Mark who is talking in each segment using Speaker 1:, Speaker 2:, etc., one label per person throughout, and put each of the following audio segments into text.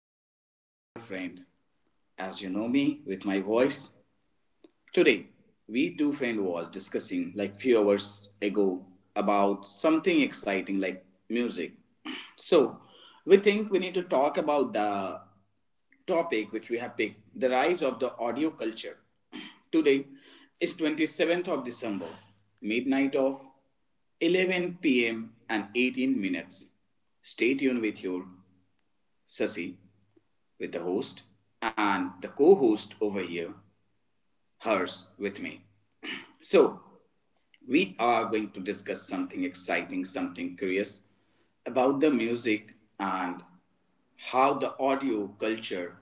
Speaker 1: your host. I'm your friend. As you know me with my voice, today we two friend was discussing like few hours ago about something exciting like music. So we think we need to talk about the topic which we have picked, the rise of the audio culture. Today is 27th of December, midnight of 11 p.m. and 18 minutes. Stay tuned with your Sasi, with the host, and the co host over here, hers, with me. So, we are going to discuss something exciting, something curious about the music and how the audio culture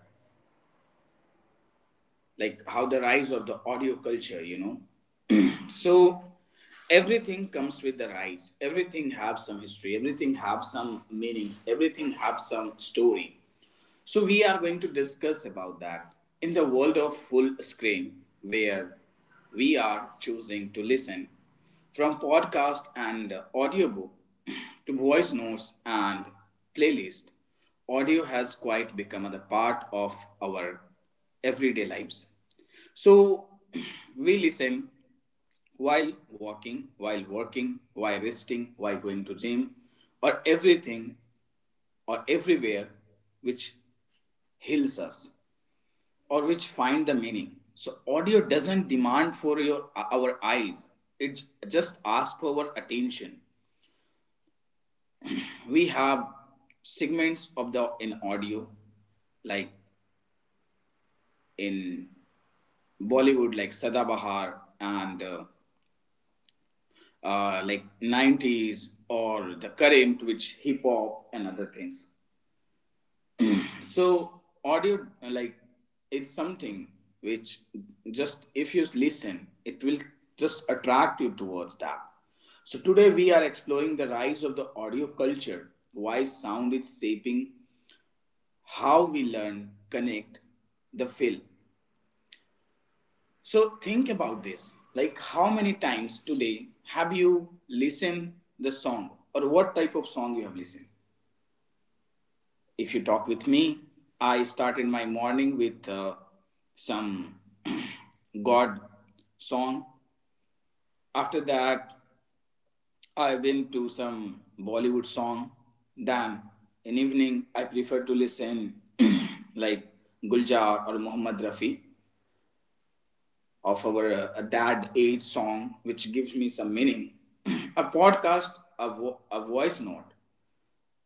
Speaker 1: like how the rise of the audio culture. So everything comes with the rise. Everything have some history. Everything have some meanings. Everything have some story. So we are going to discuss about that in the world of full screen where we are choosing to listen from podcast and audiobook to voice notes and playlist audio has quite become the part of our everyday lives, so we listen while walking, while working, while resting, while going to gym, or everything or everywhere which heals us or which find the meaning. So audio doesn't demand for your our eyes. It just asks for our attention. We have segments of the in audio like in Bollywood like Sadabahar and like 90s or the current which hip hop and other things. So audio like it's something which just if you listen, it will just attract you towards that. So today we are exploring the rise of the audio culture, why sound is shaping how we learn, connect, the feel. So think about this. Like how many times today have you listened the song or what type of song you have listened? If you talk with me, I started my morning with some God song. After that, I went to some Bollywood song. Then in evening, I prefer to listen like Guljar or Muhammad Rafi of our dad age song, which gives me some meaning. A podcast, a voice note,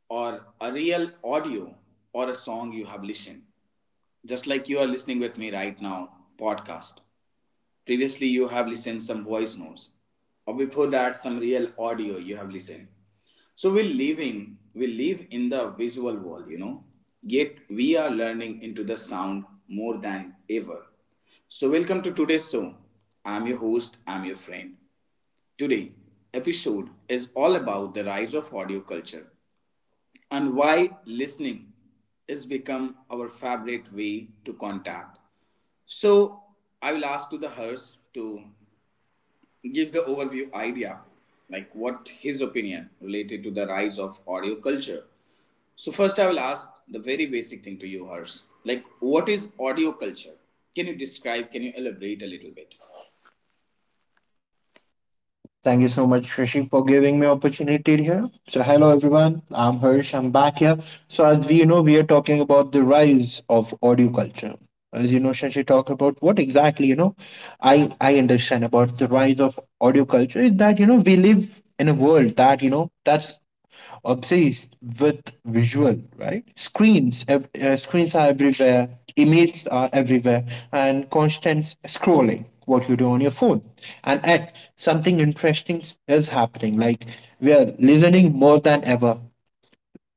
Speaker 1: or a real audio or a song you have listened. Just like you are listening with me right now, podcast. Previously, you have listened some voice notes, or before that, some real audio you have listened. So we live in the visual world. Yet we are learning into the sound more than ever. So welcome to today's show. I'm your host. I'm your friend. Today episode is all about the rise of audio culture and why listening is become our favorite way to contact, so I will ask to the Hers to give the overview idea, like what his opinion related to the rise of audio culture. So first I will ask the very basic thing to you, Hers. Like what is audio culture? Can you describe, can you elaborate a little bit?
Speaker 2: Thank you so much, Rishi, for giving me opportunity here. So, hello everyone. I'm Harsh. I'm back here. So, as we know, we are talking about the rise of audio culture. As you know, Shashi talked about what exactly. I understand about the rise of audio culture is that you know we live in a world that's obsessed with visual, right? Screens screens are everywhere, images are everywhere, and constant scrolling what you do on your phone. And at something interesting is happening, like we are listening more than ever.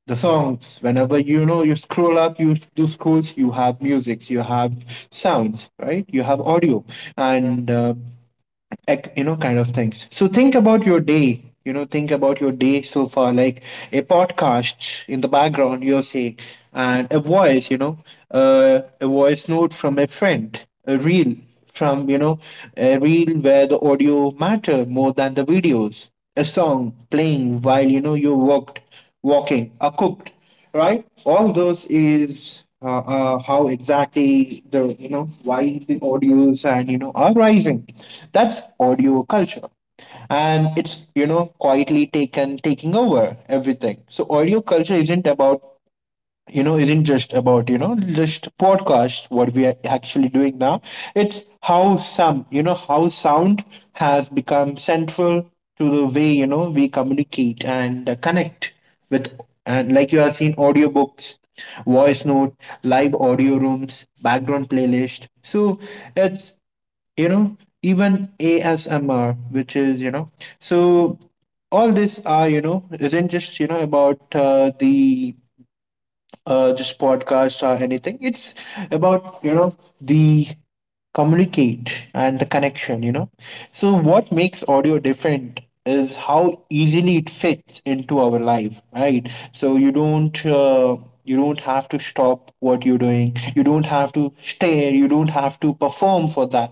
Speaker 2: The songs, whenever you know you scroll up, you do scrolls, you have music. You have sounds, right? You have audio. And you know, kind of things. So think about your day, you know, think about your day so far, like a podcast in the background, you're saying, and a voice, you know, a voice note from a friend, a reel from you know, a reel where the audio matter more than the videos, a song playing while you know you walked walking or cooked, right? All those is how exactly the, you know, why the audios and you know are rising. That's audio culture, and it's you know quietly taken taking over everything. So audio culture isn't about you know isn't just about you know just podcast what we are actually doing now. It's how some, you know, how sound has become central to the way you know we communicate and connect with. And like you have seen audiobooks, voice note, live audio rooms, background playlist. So it's you know even ASMR which is you know. So all this are you know isn't just you know about the just podcasts or anything. It's about, you know, the communicate and the connection, you know. So what makes audio different is how easily it fits into our life, right? So you don't have to stop what you're doing. You don't have to stare. You don't have to perform for that,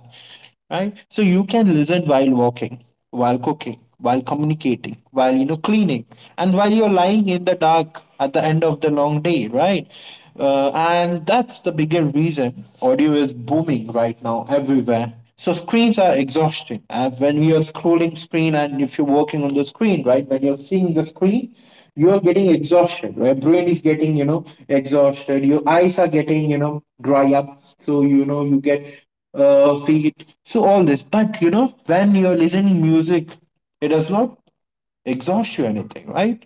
Speaker 2: right? So you can listen while walking, while cooking, while communicating, while you know cleaning, and while you're lying in the dark at the end of the long day, right? And that's the bigger reason audio is booming right now everywhere. So screens are exhausting. And when we are scrolling screen, and if you're working on the screen, right, when you're seeing the screen, you are getting exhausted. Your brain is getting, you know, exhausted. Your eyes are getting, you know, dry up. So you know you get feet. So all this, but you know, when you're listening music, it does not exhaust you anything, right?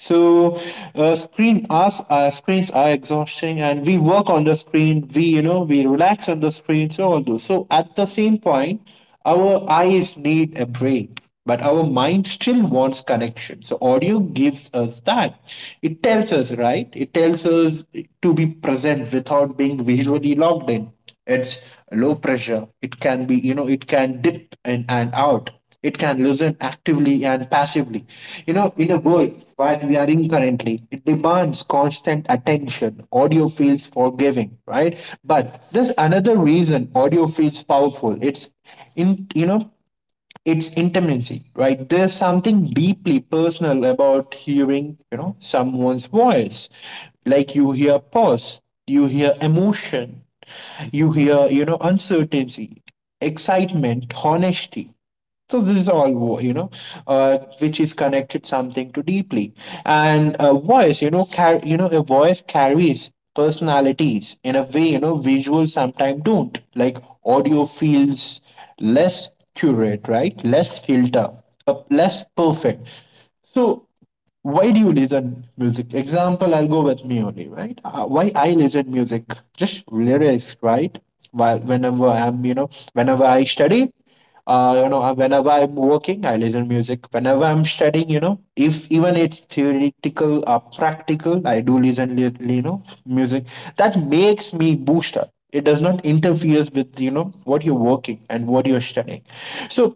Speaker 2: So screens are exhausting, and we work on the screen. We you know we relax on the screen, so all those. So at the same point, our eyes need a break. But our mind still wants connection. So audio gives us that. It tells us, right? It tells us to be present without being visually logged in. It's low pressure. It can be, you know, it can dip in and out. It can listen actively and passively. You know, in a world that we are in currently, it demands constant attention. Audio feels forgiving, right? But there's another reason audio feels powerful. It's in, you know, it's intimacy, right? There's something deeply personal about hearing you know someone's voice, like you hear pause, you hear emotion, you hear, you know, uncertainty, excitement, honesty. So this is all you know which is connected something to deeply. And a voice, you know, you know, a voice carries personalities in a way you know visuals sometimes don't. Like audio feels less curate, right? Less filter, less perfect. So why do you listen music? Example, I'll go with me only, right? Why I listen music? Just lyrics, right? While Whenever I'm, you know, whenever I study, whenever I'm working, I listen music. Whenever I'm studying, you know, if even it's theoretical or practical, I do you know, music. That makes me boost up. It does not interfere with, you know, what you're working and what you're studying. So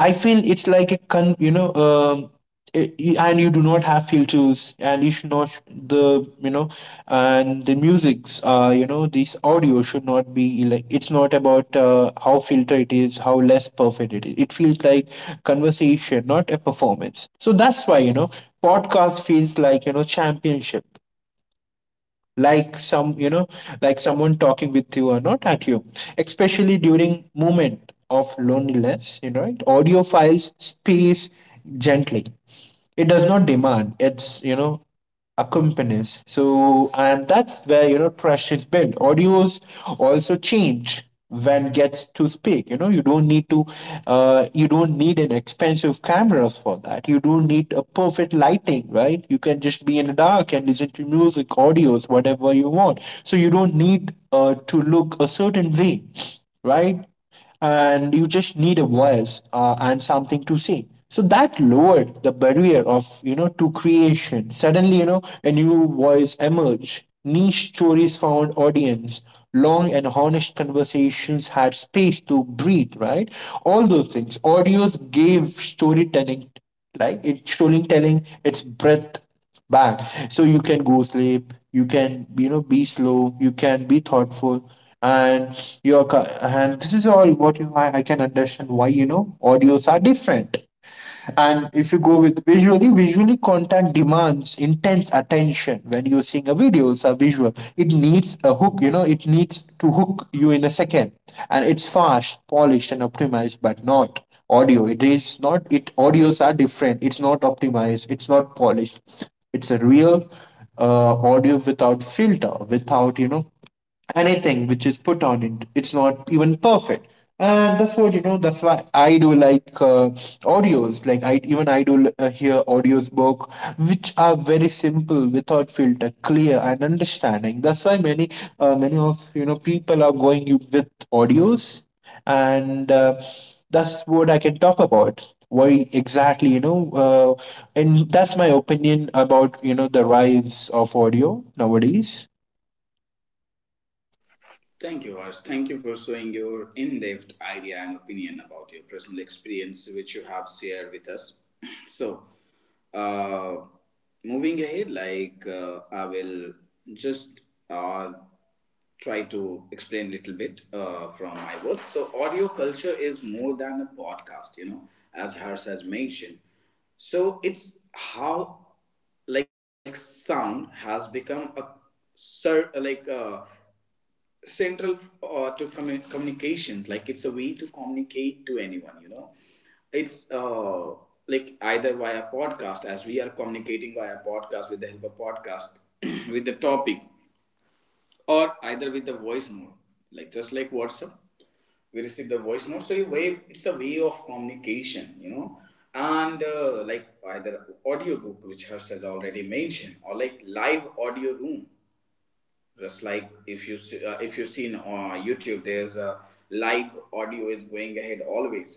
Speaker 2: I feel it's like a con, you know, and you do not have filters, and you should not sh- the you know, and the musics, you know, this audio should not be like it's not about how filtered it is, how less perfect it is. It feels like conversation, not a performance. So that's why you know, podcast feels like you know championship, like some you know like someone talking with you or not at you, especially during moment of loneliness, you know, it audio files space gently. It does not demand, it's you know accompanies. So and that's where you know trust is built. Audios also change when gets to speak, you know you don't need to you don't need an expensive cameras for that, you don't need a perfect lighting, right? You can just be in the dark and listen to music, audios, whatever you want. So you don't need to look a certain way, right? And you just need a voice and something to say. So that lowered the barrier of you know to creation. Suddenly you know a new voice emerged, niche stories found audience, long and honest conversations had space to breathe, right? All those things audios gave storytelling, like it storytelling its breath back. So you can go sleep, you can you know be slow, you can be thoughtful. And and this is all what you I can understand why you know audios are different. And if you go with visually, visually content demands intense attention. When you're seeing a video, it's a visual. It needs a hook, you know, it needs to hook you in a second. And it's fast, polished, and optimized, but not audio. It is not, it audios are different. It's not optimized, it's not polished. It's a real audio without filter, without, you know, anything which is put on it, it's not even perfect. And that's what you know that's why I do like audios. Like I even I do hear audios book which are very simple, without filter, clear and understanding. That's why many many of you know people are going with audios. And that's what I can talk about why exactly you know uh, and that's my opinion about you know the rise of audio nowadays.
Speaker 1: Thank you, Harsh. Thank you for showing your in depth idea and opinion about your personal experience, which you have shared with us. So, uh, moving ahead, like I will just uh, try to explain a little bit from my words. So, audio culture is more than a podcast, as Harsh has mentioned. So, it's how like sound has become a sir like a central to communications, like it's a way to communicate to anyone. It's like either via podcast, as we are communicating via podcast with the help of podcast, with the topic, or either with the voice note, like just like WhatsApp we receive the voice note, so a way it's a way of communication. And like either audiobook, which hers has already mentioned, or like live audio room, just like if you if you've seen on YouTube, there's a live audio is going ahead always.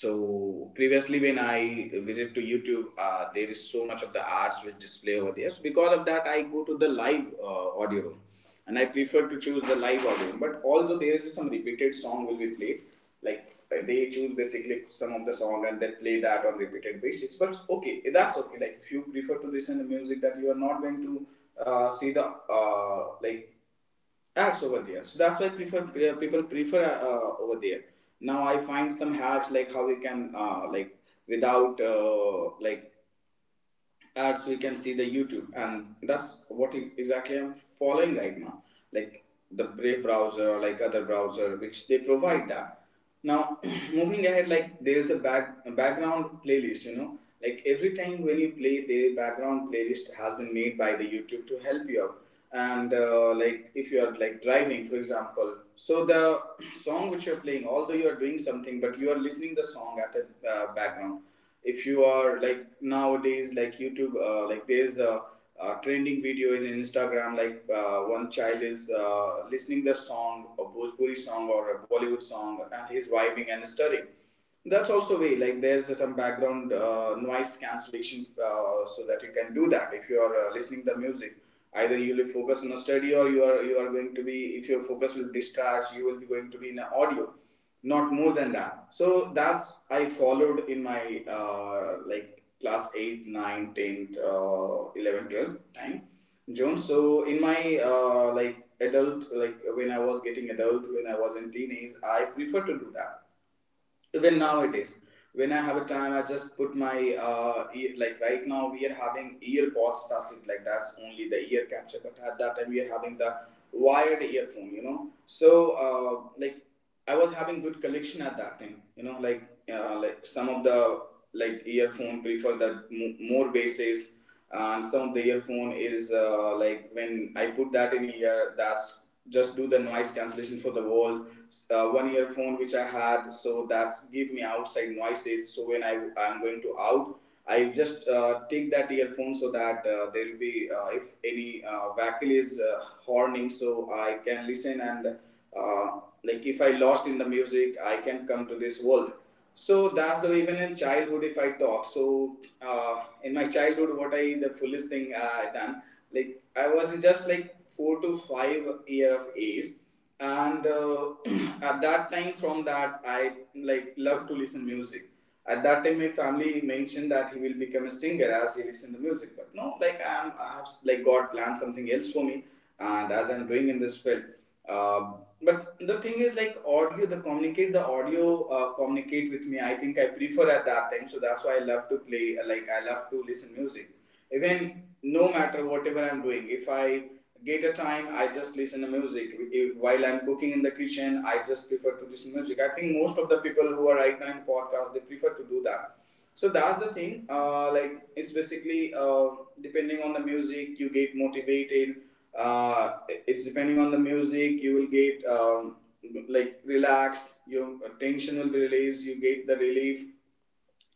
Speaker 1: So previously when I visit to YouTube, there is so much of the arts which display over there, so because of that I go to the live audio room, and I prefer to choose the live audio. But although there is some repeated song will be played, like they choose basically some of the song and they play that on repeated basis. But okay, that's okay. Like if you prefer to listen to music, that you are not going to see the like acts over there, so that's why prefer people prefer over there. Now I find some hacks like how we can, like without like ads we can see the YouTube, and that's what exactly I'm following right now, like the Brave browser or like other browser which they provide that. Now moving ahead, like there's a background playlist, like every time when you play the background playlist has been made by the YouTube to help you out. And like if you are like driving, for example, so the song which you're playing, although you are doing something but you are listening the song at the background. If you are like nowadays like YouTube, like there's a trending video in Instagram, like one child is listening the song, a Bhojpuri song or a Bollywood song, and he's vibing and studying. That's also way, like there's some background noise cancellation, so that you can do that. If you are listening the music, either you will focus on a study or you are going to be, if your focus will discharge, you will be going to be in an audio, not more than that. So that's I followed in my, like class 8 9 10th, 11 12 time zone. So in my, like adult, like when I was getting adult, when I was in teenage, I prefer to do that. Even nowadays when I have a time, I just put my ear, like right now we are having earpods, that's it, like that's only the ear capture, but at that time we are having the wired earphone. So, uh, like I was having good collection at that time, like, like some of the, like earphone prefer that more bases, and some of the earphone is, like when I put that in here, that's just do the noise cancellation for the wall. One earphone which I had, so that's give me outside noises. So when I'm going to out, I just take that earphone, so that there will be, if any vehicle is horning, so I can listen, and uh, like if I lost in the music, I can come to this world. So that's the way, even in childhood if I talk. So in my childhood, what I the foolish thing I done, like I was just like 4 to 5 year of age, and at that time, from that I like love to listen music. At that time my family mentioned that he will become a singer as he listen to music, but no, like I have like God planned something else for me, and as I'm doing in this field, um, but the thing is, like audio the communicate the audio communicate with me, I think I prefer at that time, so that's why I love to play, like I love to listen music. Even no matter whatever I'm doing, if I get a time, I just listen to music. While I'm cooking in the kitchen, I just prefer to listen to music. I think most of the people who are right now in podcast, they prefer to do that. So that's the thing, like it's basically, depending on the music you get motivated, it's depending on the music you will get, like relaxed, your tension will be released, you get the relief.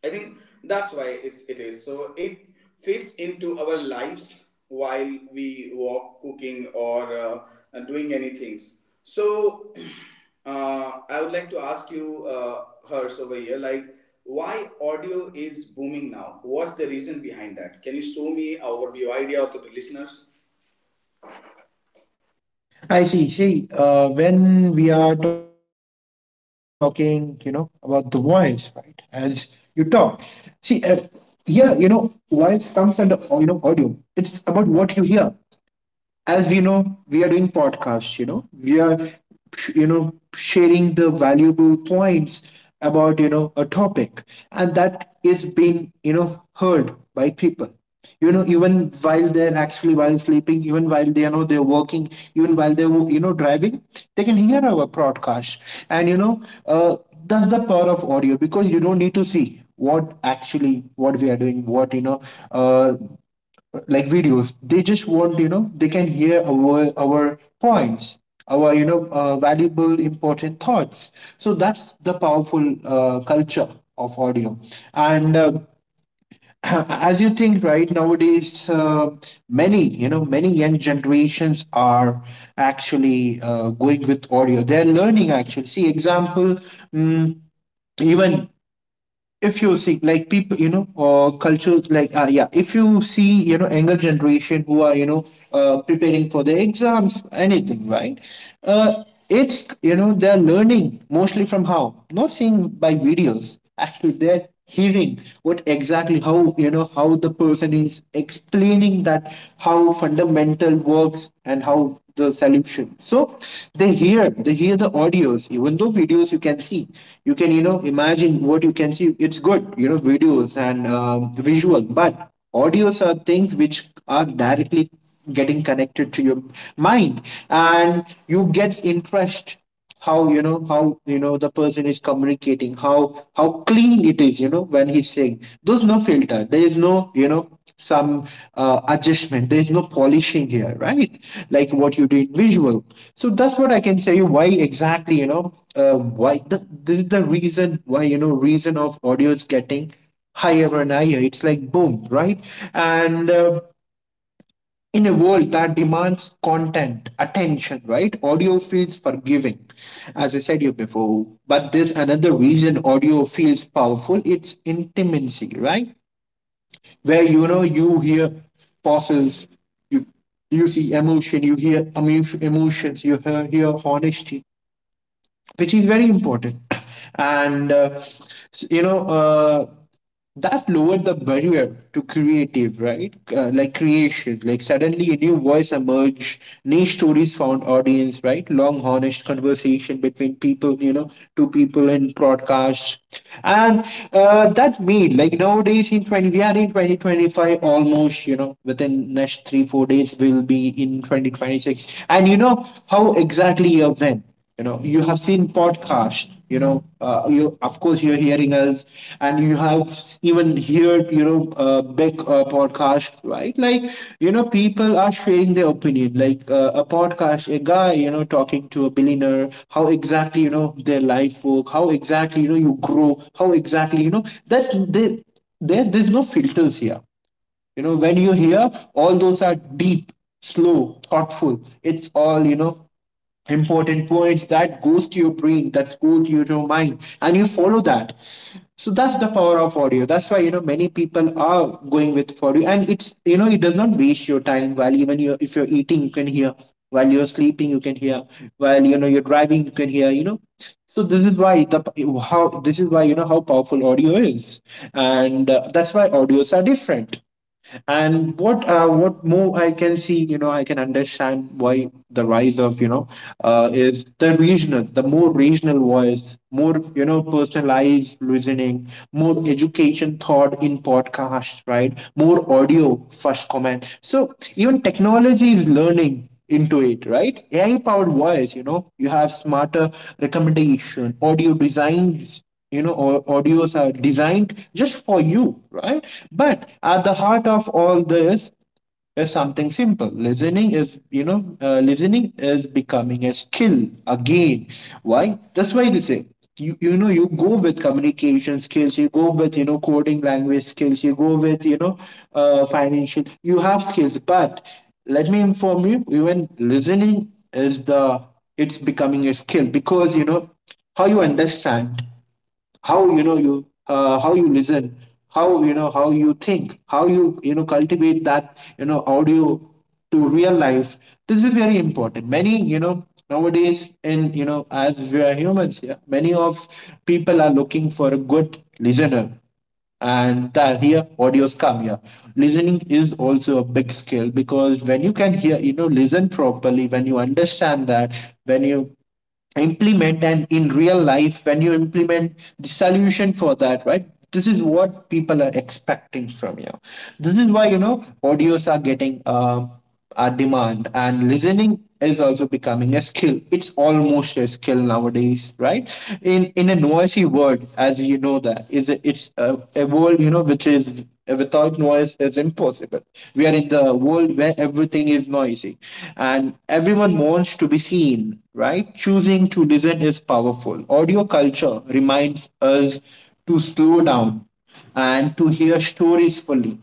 Speaker 1: I think that's why it is. So it fits into our lives while we walk, cooking, or doing any things. So I would like to ask you, Hers, over here, like why audio is booming now? What's the reason behind that? Can you show me or your idea to the listeners?
Speaker 2: I see. See, when we are talking, you know, about the voice, right? As you talk, see, yeah, you know, voice comes under, you know, audio. It's about what you hear. As we know, we are doing podcasts, you know, we are, you know, sharing the valuable points about, you know, a topic, and that is being, you know, heard by people. You know, even while they're actually while sleeping, even while they you know they're working, even while they're you know driving, they can hear our broadcast. And you know, that's the power of audio, because you don't need to see what actually what we are doing, what you know, uh, like videos they just want you know they can hear our points, our you know valuable important thoughts. So that's the powerful culture of audio. And as you think, right, nowadays many you know many young generations are actually going with audio. They're learning actually, see, example, mm, even if you see like people you know culture, like yeah, if you see you know younger generation who are you know preparing for their exams, anything, right? uh, it's you know they're learning mostly from, how, not seeing by videos, actually they're hearing what exactly how you know how the person is explaining that, how fundamental works and how the solution. So they hear, they hear the audios. Even though videos you can see, you can you know imagine what you can see, it's good, you know, videos and visual, but audios are things which are directly getting connected to your mind, and you get impressed how you know the person is communicating, how clean it is, you know, when he's saying there's no filter, there is no you know some adjustment, there is no polishing here, right? Like what you did visual. So that's what I can say you why exactly you know why the reason, why you know reason of audio is getting higher and higher, it's like boom, right? And in a world that demands content, attention, right? Audio feels forgiving, as I said you before. But there's another reason audio feels powerful. It's intimacy, right? Where you know you hear pauses, you you see emotion, you hear emotions, you hear, honesty, which is very important. And s- you know, That lowered the barrier to creative right like creation. Like suddenly a new voice emerged, niche stories found audience, right? Long honest conversation between people, you know, two people in broadcasts. And That made, like, nowadays, in 20 we are in 2025 almost, you know, within next 3 4 days we'll be in 2026, and you know how exactly a when, you know, you have seen podcast, you know, you, of course, you're hearing us, and you have even heard, you know, big podcast, right? Like, you know, people are sharing their opinion, like, a podcast, a guy, you know, talking to a billionaire, how exactly, you know, their life work, how exactly, you know, you grow, how exactly, you know, that's, they there there's no filters here, you know, when you hear, all those are deep, slow, thoughtful. It's all, you know, important points that goes to your brain, that goes to your mind, and you follow that. So that's the power of audio. That's why, you know, many people are going with audio, and it's, you know, it does not waste your time. While even you, if you're eating, you can hear. While you're sleeping, you can hear. While you know you're driving, you can hear. You know, so this is why the how this is why, you know, how powerful audio is, and that's why audios are different. And what more I can see, you know, I can understand why the rise of, you know, is the more regional voice, more, you know, personalized listening, more education thought in podcast, right? More audio first comment. So even technology is learning into it, right? AI powered voice, you know, you have smarter recommendation, audio designs. You know, audios are designed just for you, right? But at the heart of all this is something simple. Listening is becoming a skill again. Why? That's why they say, you know, you go with communication skills, you go with, you know, coding language skills, you go with, you know, financial, you have skills, but let me inform you, even listening is the— it's becoming a skill, because, you know, how you understand, how, you know, you, how you listen, how, you know, how you think, how you, you know, cultivate that, you know, audio to real life. This is very important. Many, you know, nowadays, and, you know, as we are humans, yeah, many of people are looking for a good listener, and that here audios come here. Listening is also a big skill, because when you can hear, you know, listen properly, when you understand that, when you implement and in real life when you implement the solution for that, right? This is what people are expecting from you. This is why, you know, audios are getting a demand, and listening is also becoming a skill. It's almost a skill nowadays, right? In a noisy world, as you know, it's a world, you know, which is without noise is impossible. We are in the world where everything is noise music. And everyone wants to be seen, right? Choosing to listen is powerful. Audio culture reminds us to slow down and to hear stories fully,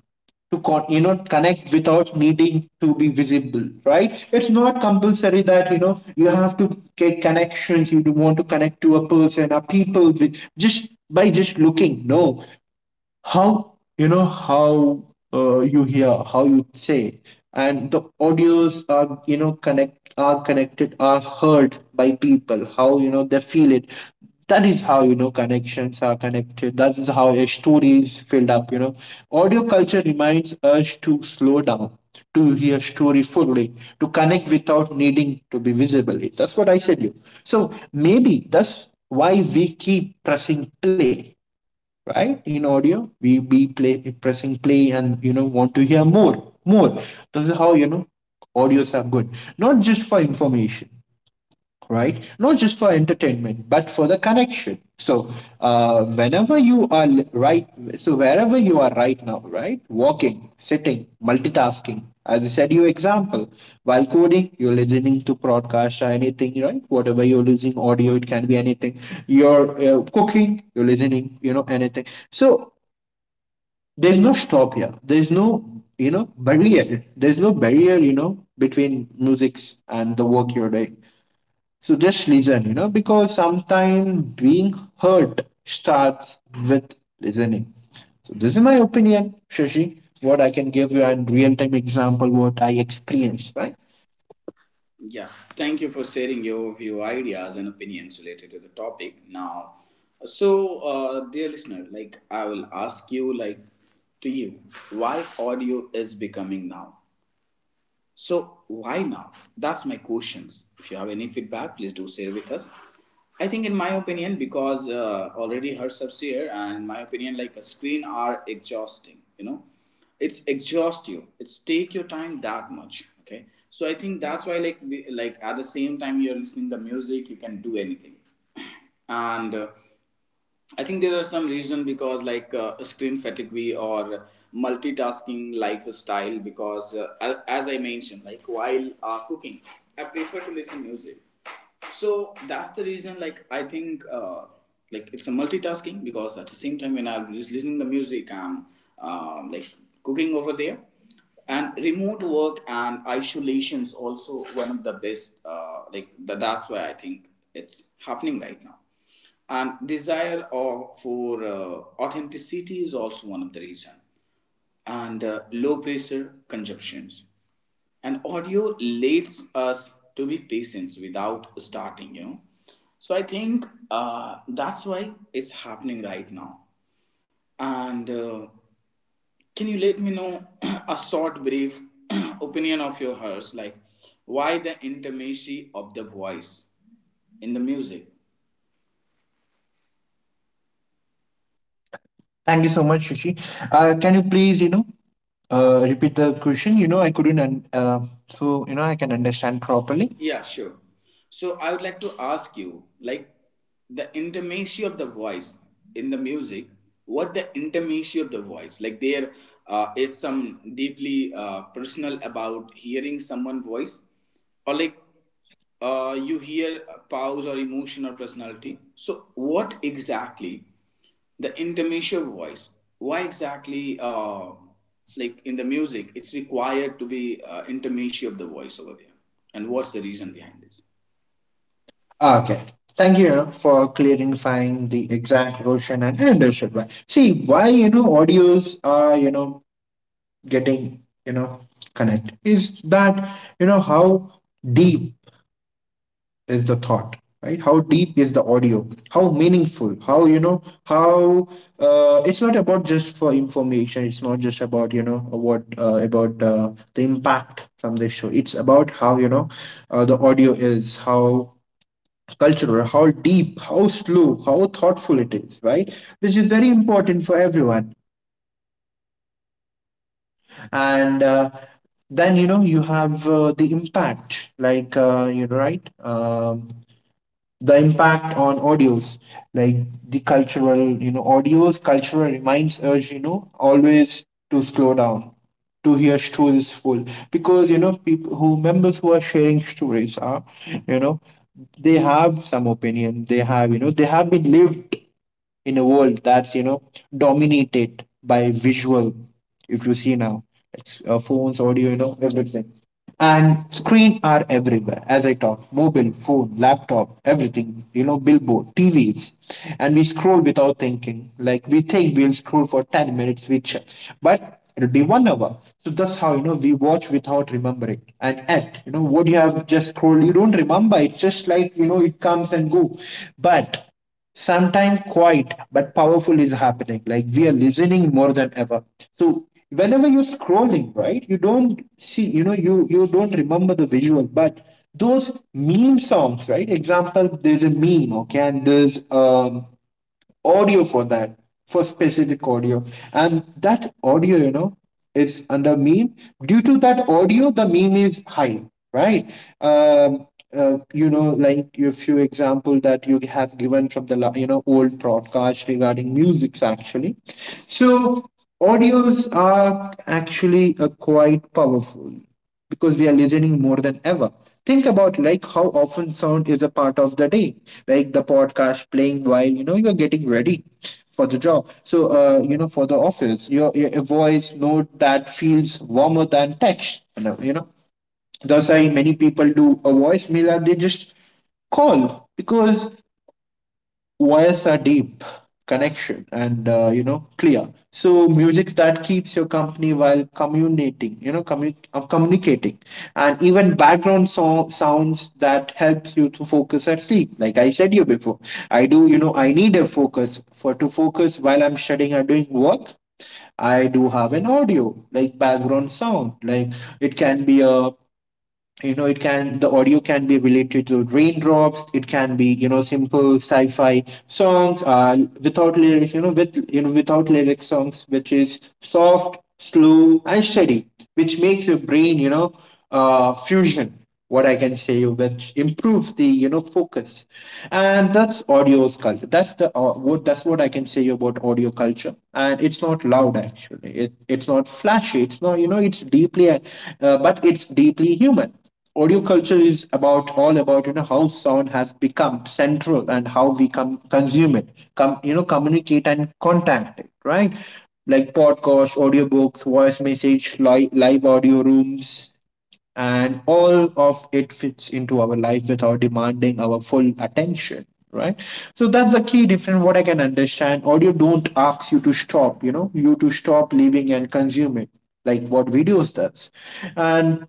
Speaker 2: to you know, connect without needing to be visible, right? It's not compulsory that, you know, you have to get connections. You do want to connect to a person or people with just by just looking. No, how, you know, how, you hear, how you say, and the audios are, you know, connected, are heard by people, how, you know, they feel it. That is how, you know, connections are connected. That is how a story is filled up, you know. Audio culture reminds us to slow down, to hear story fully, to connect without needing to be visible. That's what I said you. So maybe that's why we keep pressing play, right? In audio, we be play pressing play and, you know, want to hear more, more. This is how, you know, audios are good, not just for information, right? Not just for entertainment, but for the connection. So, whenever you are right, so wherever you are right now, right? Walking, sitting, multitasking. As I said, your example, while coding, you're listening to broadcast or anything, right? Whatever you're listening, audio, it can be anything. You're cooking, you're listening, you know, anything. So, there's no stop here. There's no, you know, barrier. There's no barrier, you know, between musics and the work you're doing. So just listen, you know, because sometimes being hurt starts with listening. So this is my opinion, Shashi, what I can give you, and real time example what I experienced, right?
Speaker 1: Yeah, thank you for sharing your view, ideas, and opinions related to the topic. Now, so dear listener, like I will ask you, like to you, why audio is becoming now, so why now? That's my questions. If you have any feedback, please do share with us. I think, in my opinion, because already herself's here, and in my opinion, like a screen are exhausting. You know, it's exhaust you. It's take your time that much. Okay, so I think that's why, like, like at the same time you're listening the music, you can do anything and, I think there are some reason because like screen fatigue or multitasking lifestyle because as I mentioned like while cooking I prefer to listen music, so that's the reason like I think like it's a multitasking because at the same time when I'm just listening to music I'm like cooking over there. And remote work and isolation is also one of the best like that's why I think it's happening right now, and desire of, for authenticity is also one of the reason, and low pressure consumptions, and audio leads us to be patient without starting, you know. So I think that's why it's happening right now. And can you let me know a short brief opinion of your hers, like why the intimacy of the voice in the music?
Speaker 2: Thank you so much, Shashi. Can you please, you know, repeat the question? You know, I couldn't, so, you know, I can understand properly.
Speaker 1: Yeah, sure. So I would like to ask you, like the intimacy of the voice in the music, what the intimacy of the voice, like there is some deeply personal about hearing someone voice, or like you hear pause or emotion or personality. So, what exactly the intermesial voice? Why exactly, like in the music, it's required to be intermesio of the voice over there? And what's the reason behind this?
Speaker 2: Ah, okay. Thank you, you know, for clarifying the exact question. And understood why. See, why, you know, audios are, you know, getting, you know, connect is that, you know, how deep is the thought, right? How deep is the audio, how meaningful, how, you know, how, it's not about just for information, it's not just about, you know, what, about the impact from this show. It's about how, you know, the audio is how cultural, how deep, how slow, how thoughtful it is, right? Which is very important for everyone. And Then, you know, you have the impact, like, you know, right, the impact on audios, like, the cultural, you know, audios cultural reminds us, you know, always to slow down, to hear stories full, because, you know, people who members who are sharing stories are, you know, they have some opinion, they have, you know, they have been lived in a world that's, you know, dominated by visual. If you see now, like, phones, audio, you know, everything, and screen are everywhere, as I talk, mobile phone, laptop, everything, you know, billboard, tvs, and we scroll without thinking. Like, we think we'll scroll for 10 minutes, we check, but it'll be 1 hour. So that's how, you know, we watch without remembering, and at, you know, what you have just scrolled, you don't remember. It's just like, you know, it comes and go. But sometimes quiet but powerful is happening. Like, we are listening more than ever. So whenever you're scrolling, right, you don't see, you know, you don't remember the visual, but those meme songs, right? Example, there's a meme, okay, and there's audio for that, for specific audio, and that audio, you know, is under meme. Due to that audio, the meme is high, right? um, you know, like a few example that you have given from you know, old broadcast regarding musics, actually. So audios are actually quite powerful, because we are listening more than ever. Think about like how often sound is a part of the day, like the podcast playing while, you know, you're getting ready for the job. So, you know, for the office, your voice note that feels warmer than text. You know, you know? That's why many people do a voicemail, and they just call, because voices are deep, connection, and you know, clear. So music that keeps your company while communicating, you know, communicating, and even background sounds that helps you to focus at sleep. Like I said you before, I do. You know, I need a focus for to focus while I'm studying or doing work. I do have an audio, like background sound. Like, it can be a, you know, it can, the audio can be related to raindrops. It can be, you know, simple sci-fi songs, without lyrics, you know, without lyrics songs, which is soft, slow and steady, which makes your brain, you know, fusion, what I can say, which improves the, you know, focus, and that's audio's culture. That's the, what that's what I can say about audio culture, and it's not loud, actually. It's not flashy. It's not, you know, it's deeply, but it's deeply human. Audio culture is about all about, you know, how sound has become central and how we come consume it, come you know, communicate and contact it, right? Like podcasts, audiobooks, voice message, live audio rooms, and all of it fits into our life without demanding our full attention, right? So that's the key difference, what I can understand. Audio don't ask you to stop, you know, you to stop living and consume it, like what videos does. And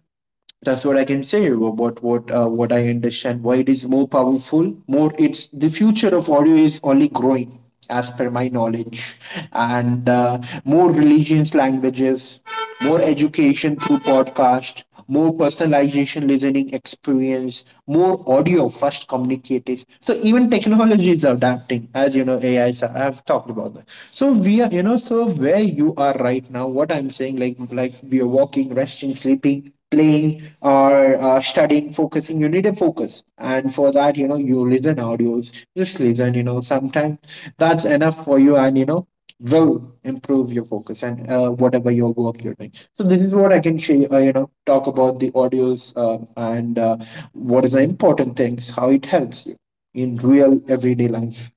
Speaker 2: that's what I can say about what, what I understand. Why it is more powerful, more, it's the future of audio is only growing, as per my knowledge, and more religions, languages, more education through podcast, more personalization listening experience, more audio first communicators. So even technology is adapting, as you know, AI. Is— I have talked about that. So we are, you know, so where you are right now, what I'm saying, like, we are walking, resting, sleeping, playing, or studying, focusing. You need a focus. And for that, you know, you listen audios, just listen, you know, sometimes that's enough for you, and, you know, will improve your focus, and whatever your work you're doing. So this is what I can share, you know, talk about the audios, and what is the important things, how it helps you in real everyday life.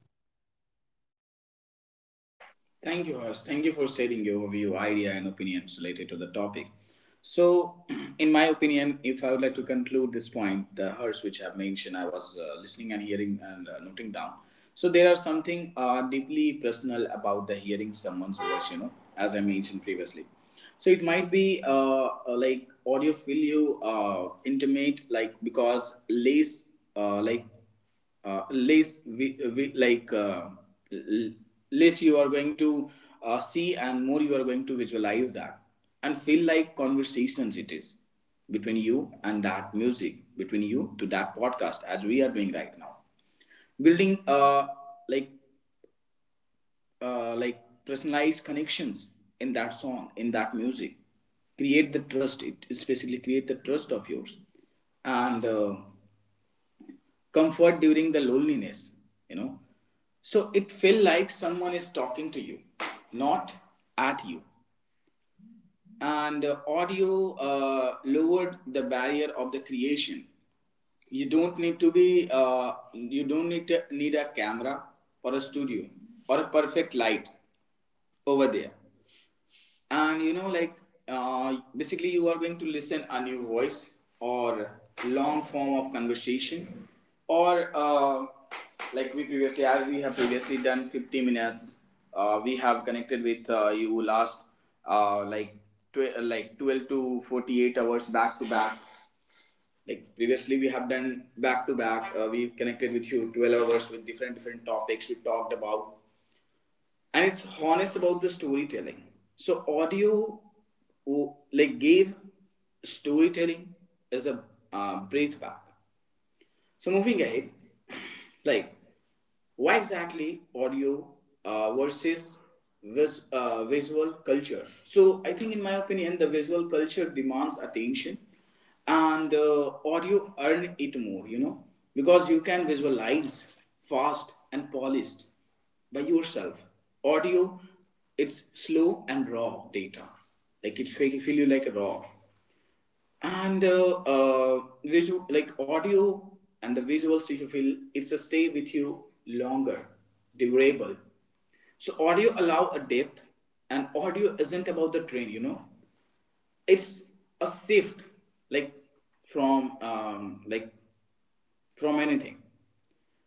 Speaker 1: Thank you, Harsh. Thank you for sharing your view, idea, and opinions related to the topic. So, in my opinion, if I would like to conclude this point, the Harsh which I've mentioned, I was listening and hearing and noting down. So, there are something deeply personal about the hearing someone's voice, you know, as I mentioned previously. So, it might be like audio feel you intimate, like because less, like less we like l- less you are going to see and more you are going to visualize that, and feel like conversations it is between you and that music, between you to that podcast as we are doing right now, building like like personalized connections in that song, in that music. Create the trust, it especially create the trust of yours, and comfort during the loneliness, you know. So it feel like someone is talking to you, not at you. And audio lowered the barrier of the creation. You don't need to be you don't need to need a camera, or a studio, or a perfect light over there. And you know like, basically you are going to listen a new voice, or long form of conversation, or like we previously, as we have previously done 50 minutes, we have connected with you last, like like 12 to 48 hours back to back. Like previously we have done back to back, we connected with you 12 hours with different different topics we talked about, and it's honest about the storytelling. So audio, oh, like gave storytelling as a breath back. So moving ahead, like why exactly audio versus visual culture? So I think, in my opinion, the visual culture demands attention, and audio earn it more. You know, because you can visualize fast and polished by yourself. Audio, it's slow and raw data. Like it feel you like raw, and visual like audio, and the visuals you feel it's a stay with you longer, durable. So audio allow a depth, and audio isn't about the train, you know, it's a shift, like like from anything.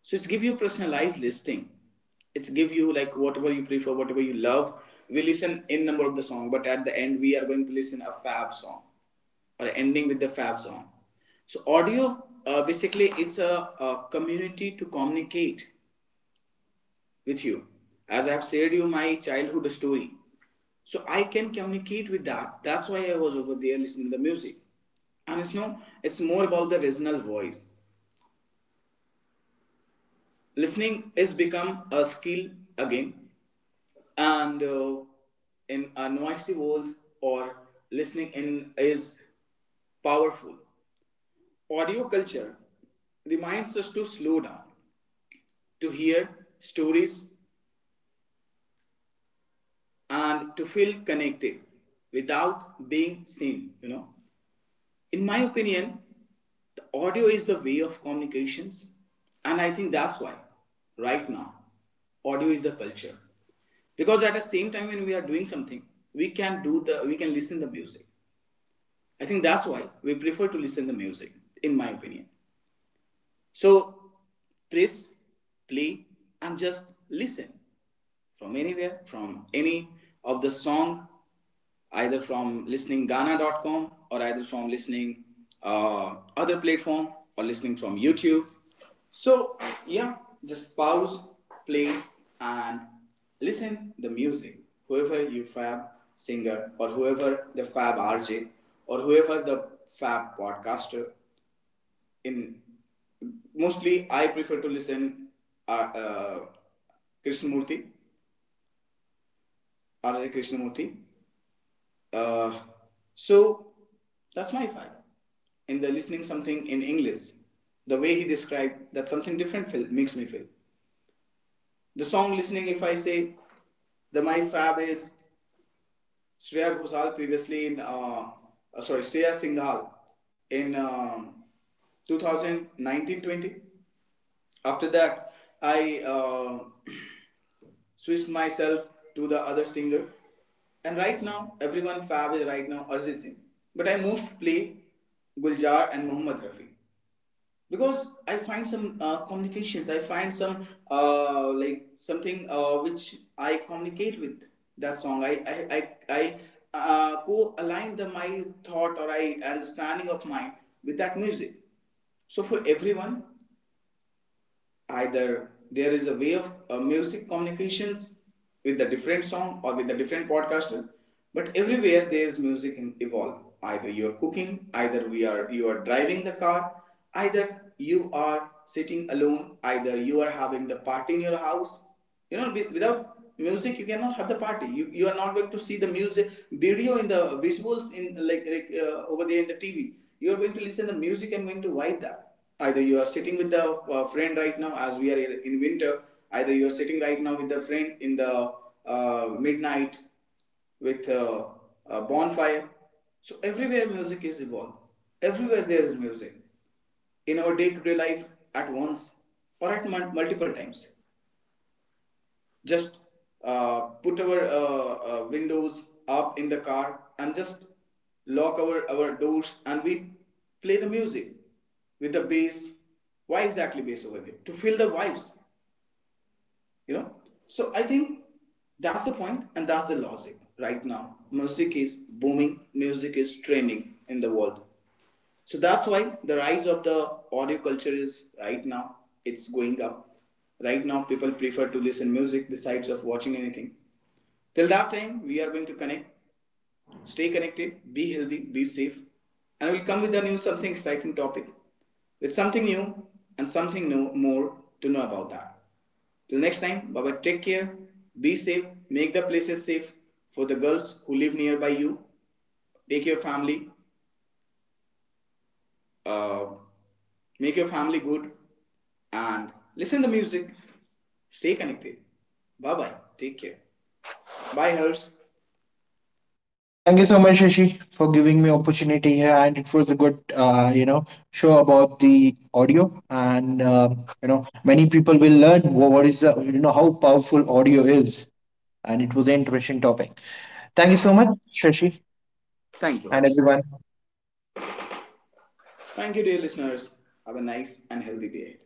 Speaker 1: So it's give you personalized listing. It's give you like whatever you prefer, whatever you love. We listen in number of the song, but at the end we are going to listen a fab song, or ending with the fab song. So audio basically is a community to communicate with you. As I have said you my childhood story. So I can communicate with that. That's why I was over there listening to the music. And it's no, it's more about the regional voice. Listening is become a skill again. And in a noisy world, or listening in, is powerful. Audio culture reminds us to slow down, to hear stories, and to feel connected without being seen, you know. In my opinion, the audio is the way of communications, and I think that's why right now audio is the culture, because at the same time when we are doing something, we can listen the music. I think that's why we prefer to listen the music, in my opinion. So press play and just listen, from anywhere, from any of the song, either from listening Gaana.com, or either from listening other platform, or listening from YouTube. So yeah, just pause, play, and listen the music. Whoever you fab singer, or whoever the fab RJ, or whoever the fab podcaster. In mostly I prefer to listen uh, uh, Krishnamurti, R.J. Krishnamurti. Uh, so that's my five. In the listening something in English, the way he described that something different feel, makes me feel. The song listening, if I say the my fab is Shreya Ghoshal previously in sorry Shreya Singhal in 2019. After that, I switched myself to the other singer. And right now, everyone fab is right now Arjit Singh. But I most play Guljar and Mohammad Rafi because I find some communications. I find some like something which I communicate with that song. I co-align the my thought or I understanding of mine with that music. So for everyone, either there is a way of music communications with the different song, or with the different podcaster, but everywhere there is music in evolve, either you're cooking, either we are you are driving the car, either you are sitting alone, either you are having the party in your house, you know, without music you cannot have the party, you are not going to see the music video in the visuals in, like over there in the TV you are going to listen to the music and going to vibe that, either you are sitting with the friend right now as we are in winter, either you are sitting right now with the friend in the midnight with a bonfire. So everywhere music is involved, everywhere there is music in our day-to-day life, at once or at multiple times. Just put our windows up in the car, and just lock our doors, and we play the music with the bass. Why exactly bass over there? To feel the vibes, you know? So I think that's the point and that's the logic right now. Music is booming, music is trending in the world. So that's why the rise of the audio culture is right now. It's going up. Right now people prefer to listen music besides of watching anything. Till that time, we are going to connect. Stay connected, be healthy, be safe, and we'll come with a new something exciting topic, with something new, and something new more to know about that. Till next time, Baba, take care, be safe, make the places safe for the girls who live nearby you. Take your family, uh, make your family good, and listen to music. Stay connected. Bye bye. Take care. Bye, Hers.
Speaker 2: Thank you so much, Shashi, for giving me opportunity here, and it was a good, you know, show about the audio, and, you know, many people will learn what is, the, you know, how powerful audio is, and it was an interesting topic. Thank you so much, Shashi,
Speaker 1: Thank you,
Speaker 2: and
Speaker 1: Hers.
Speaker 2: everyone.
Speaker 1: Thank you, dear listeners. Have a nice and healthy day.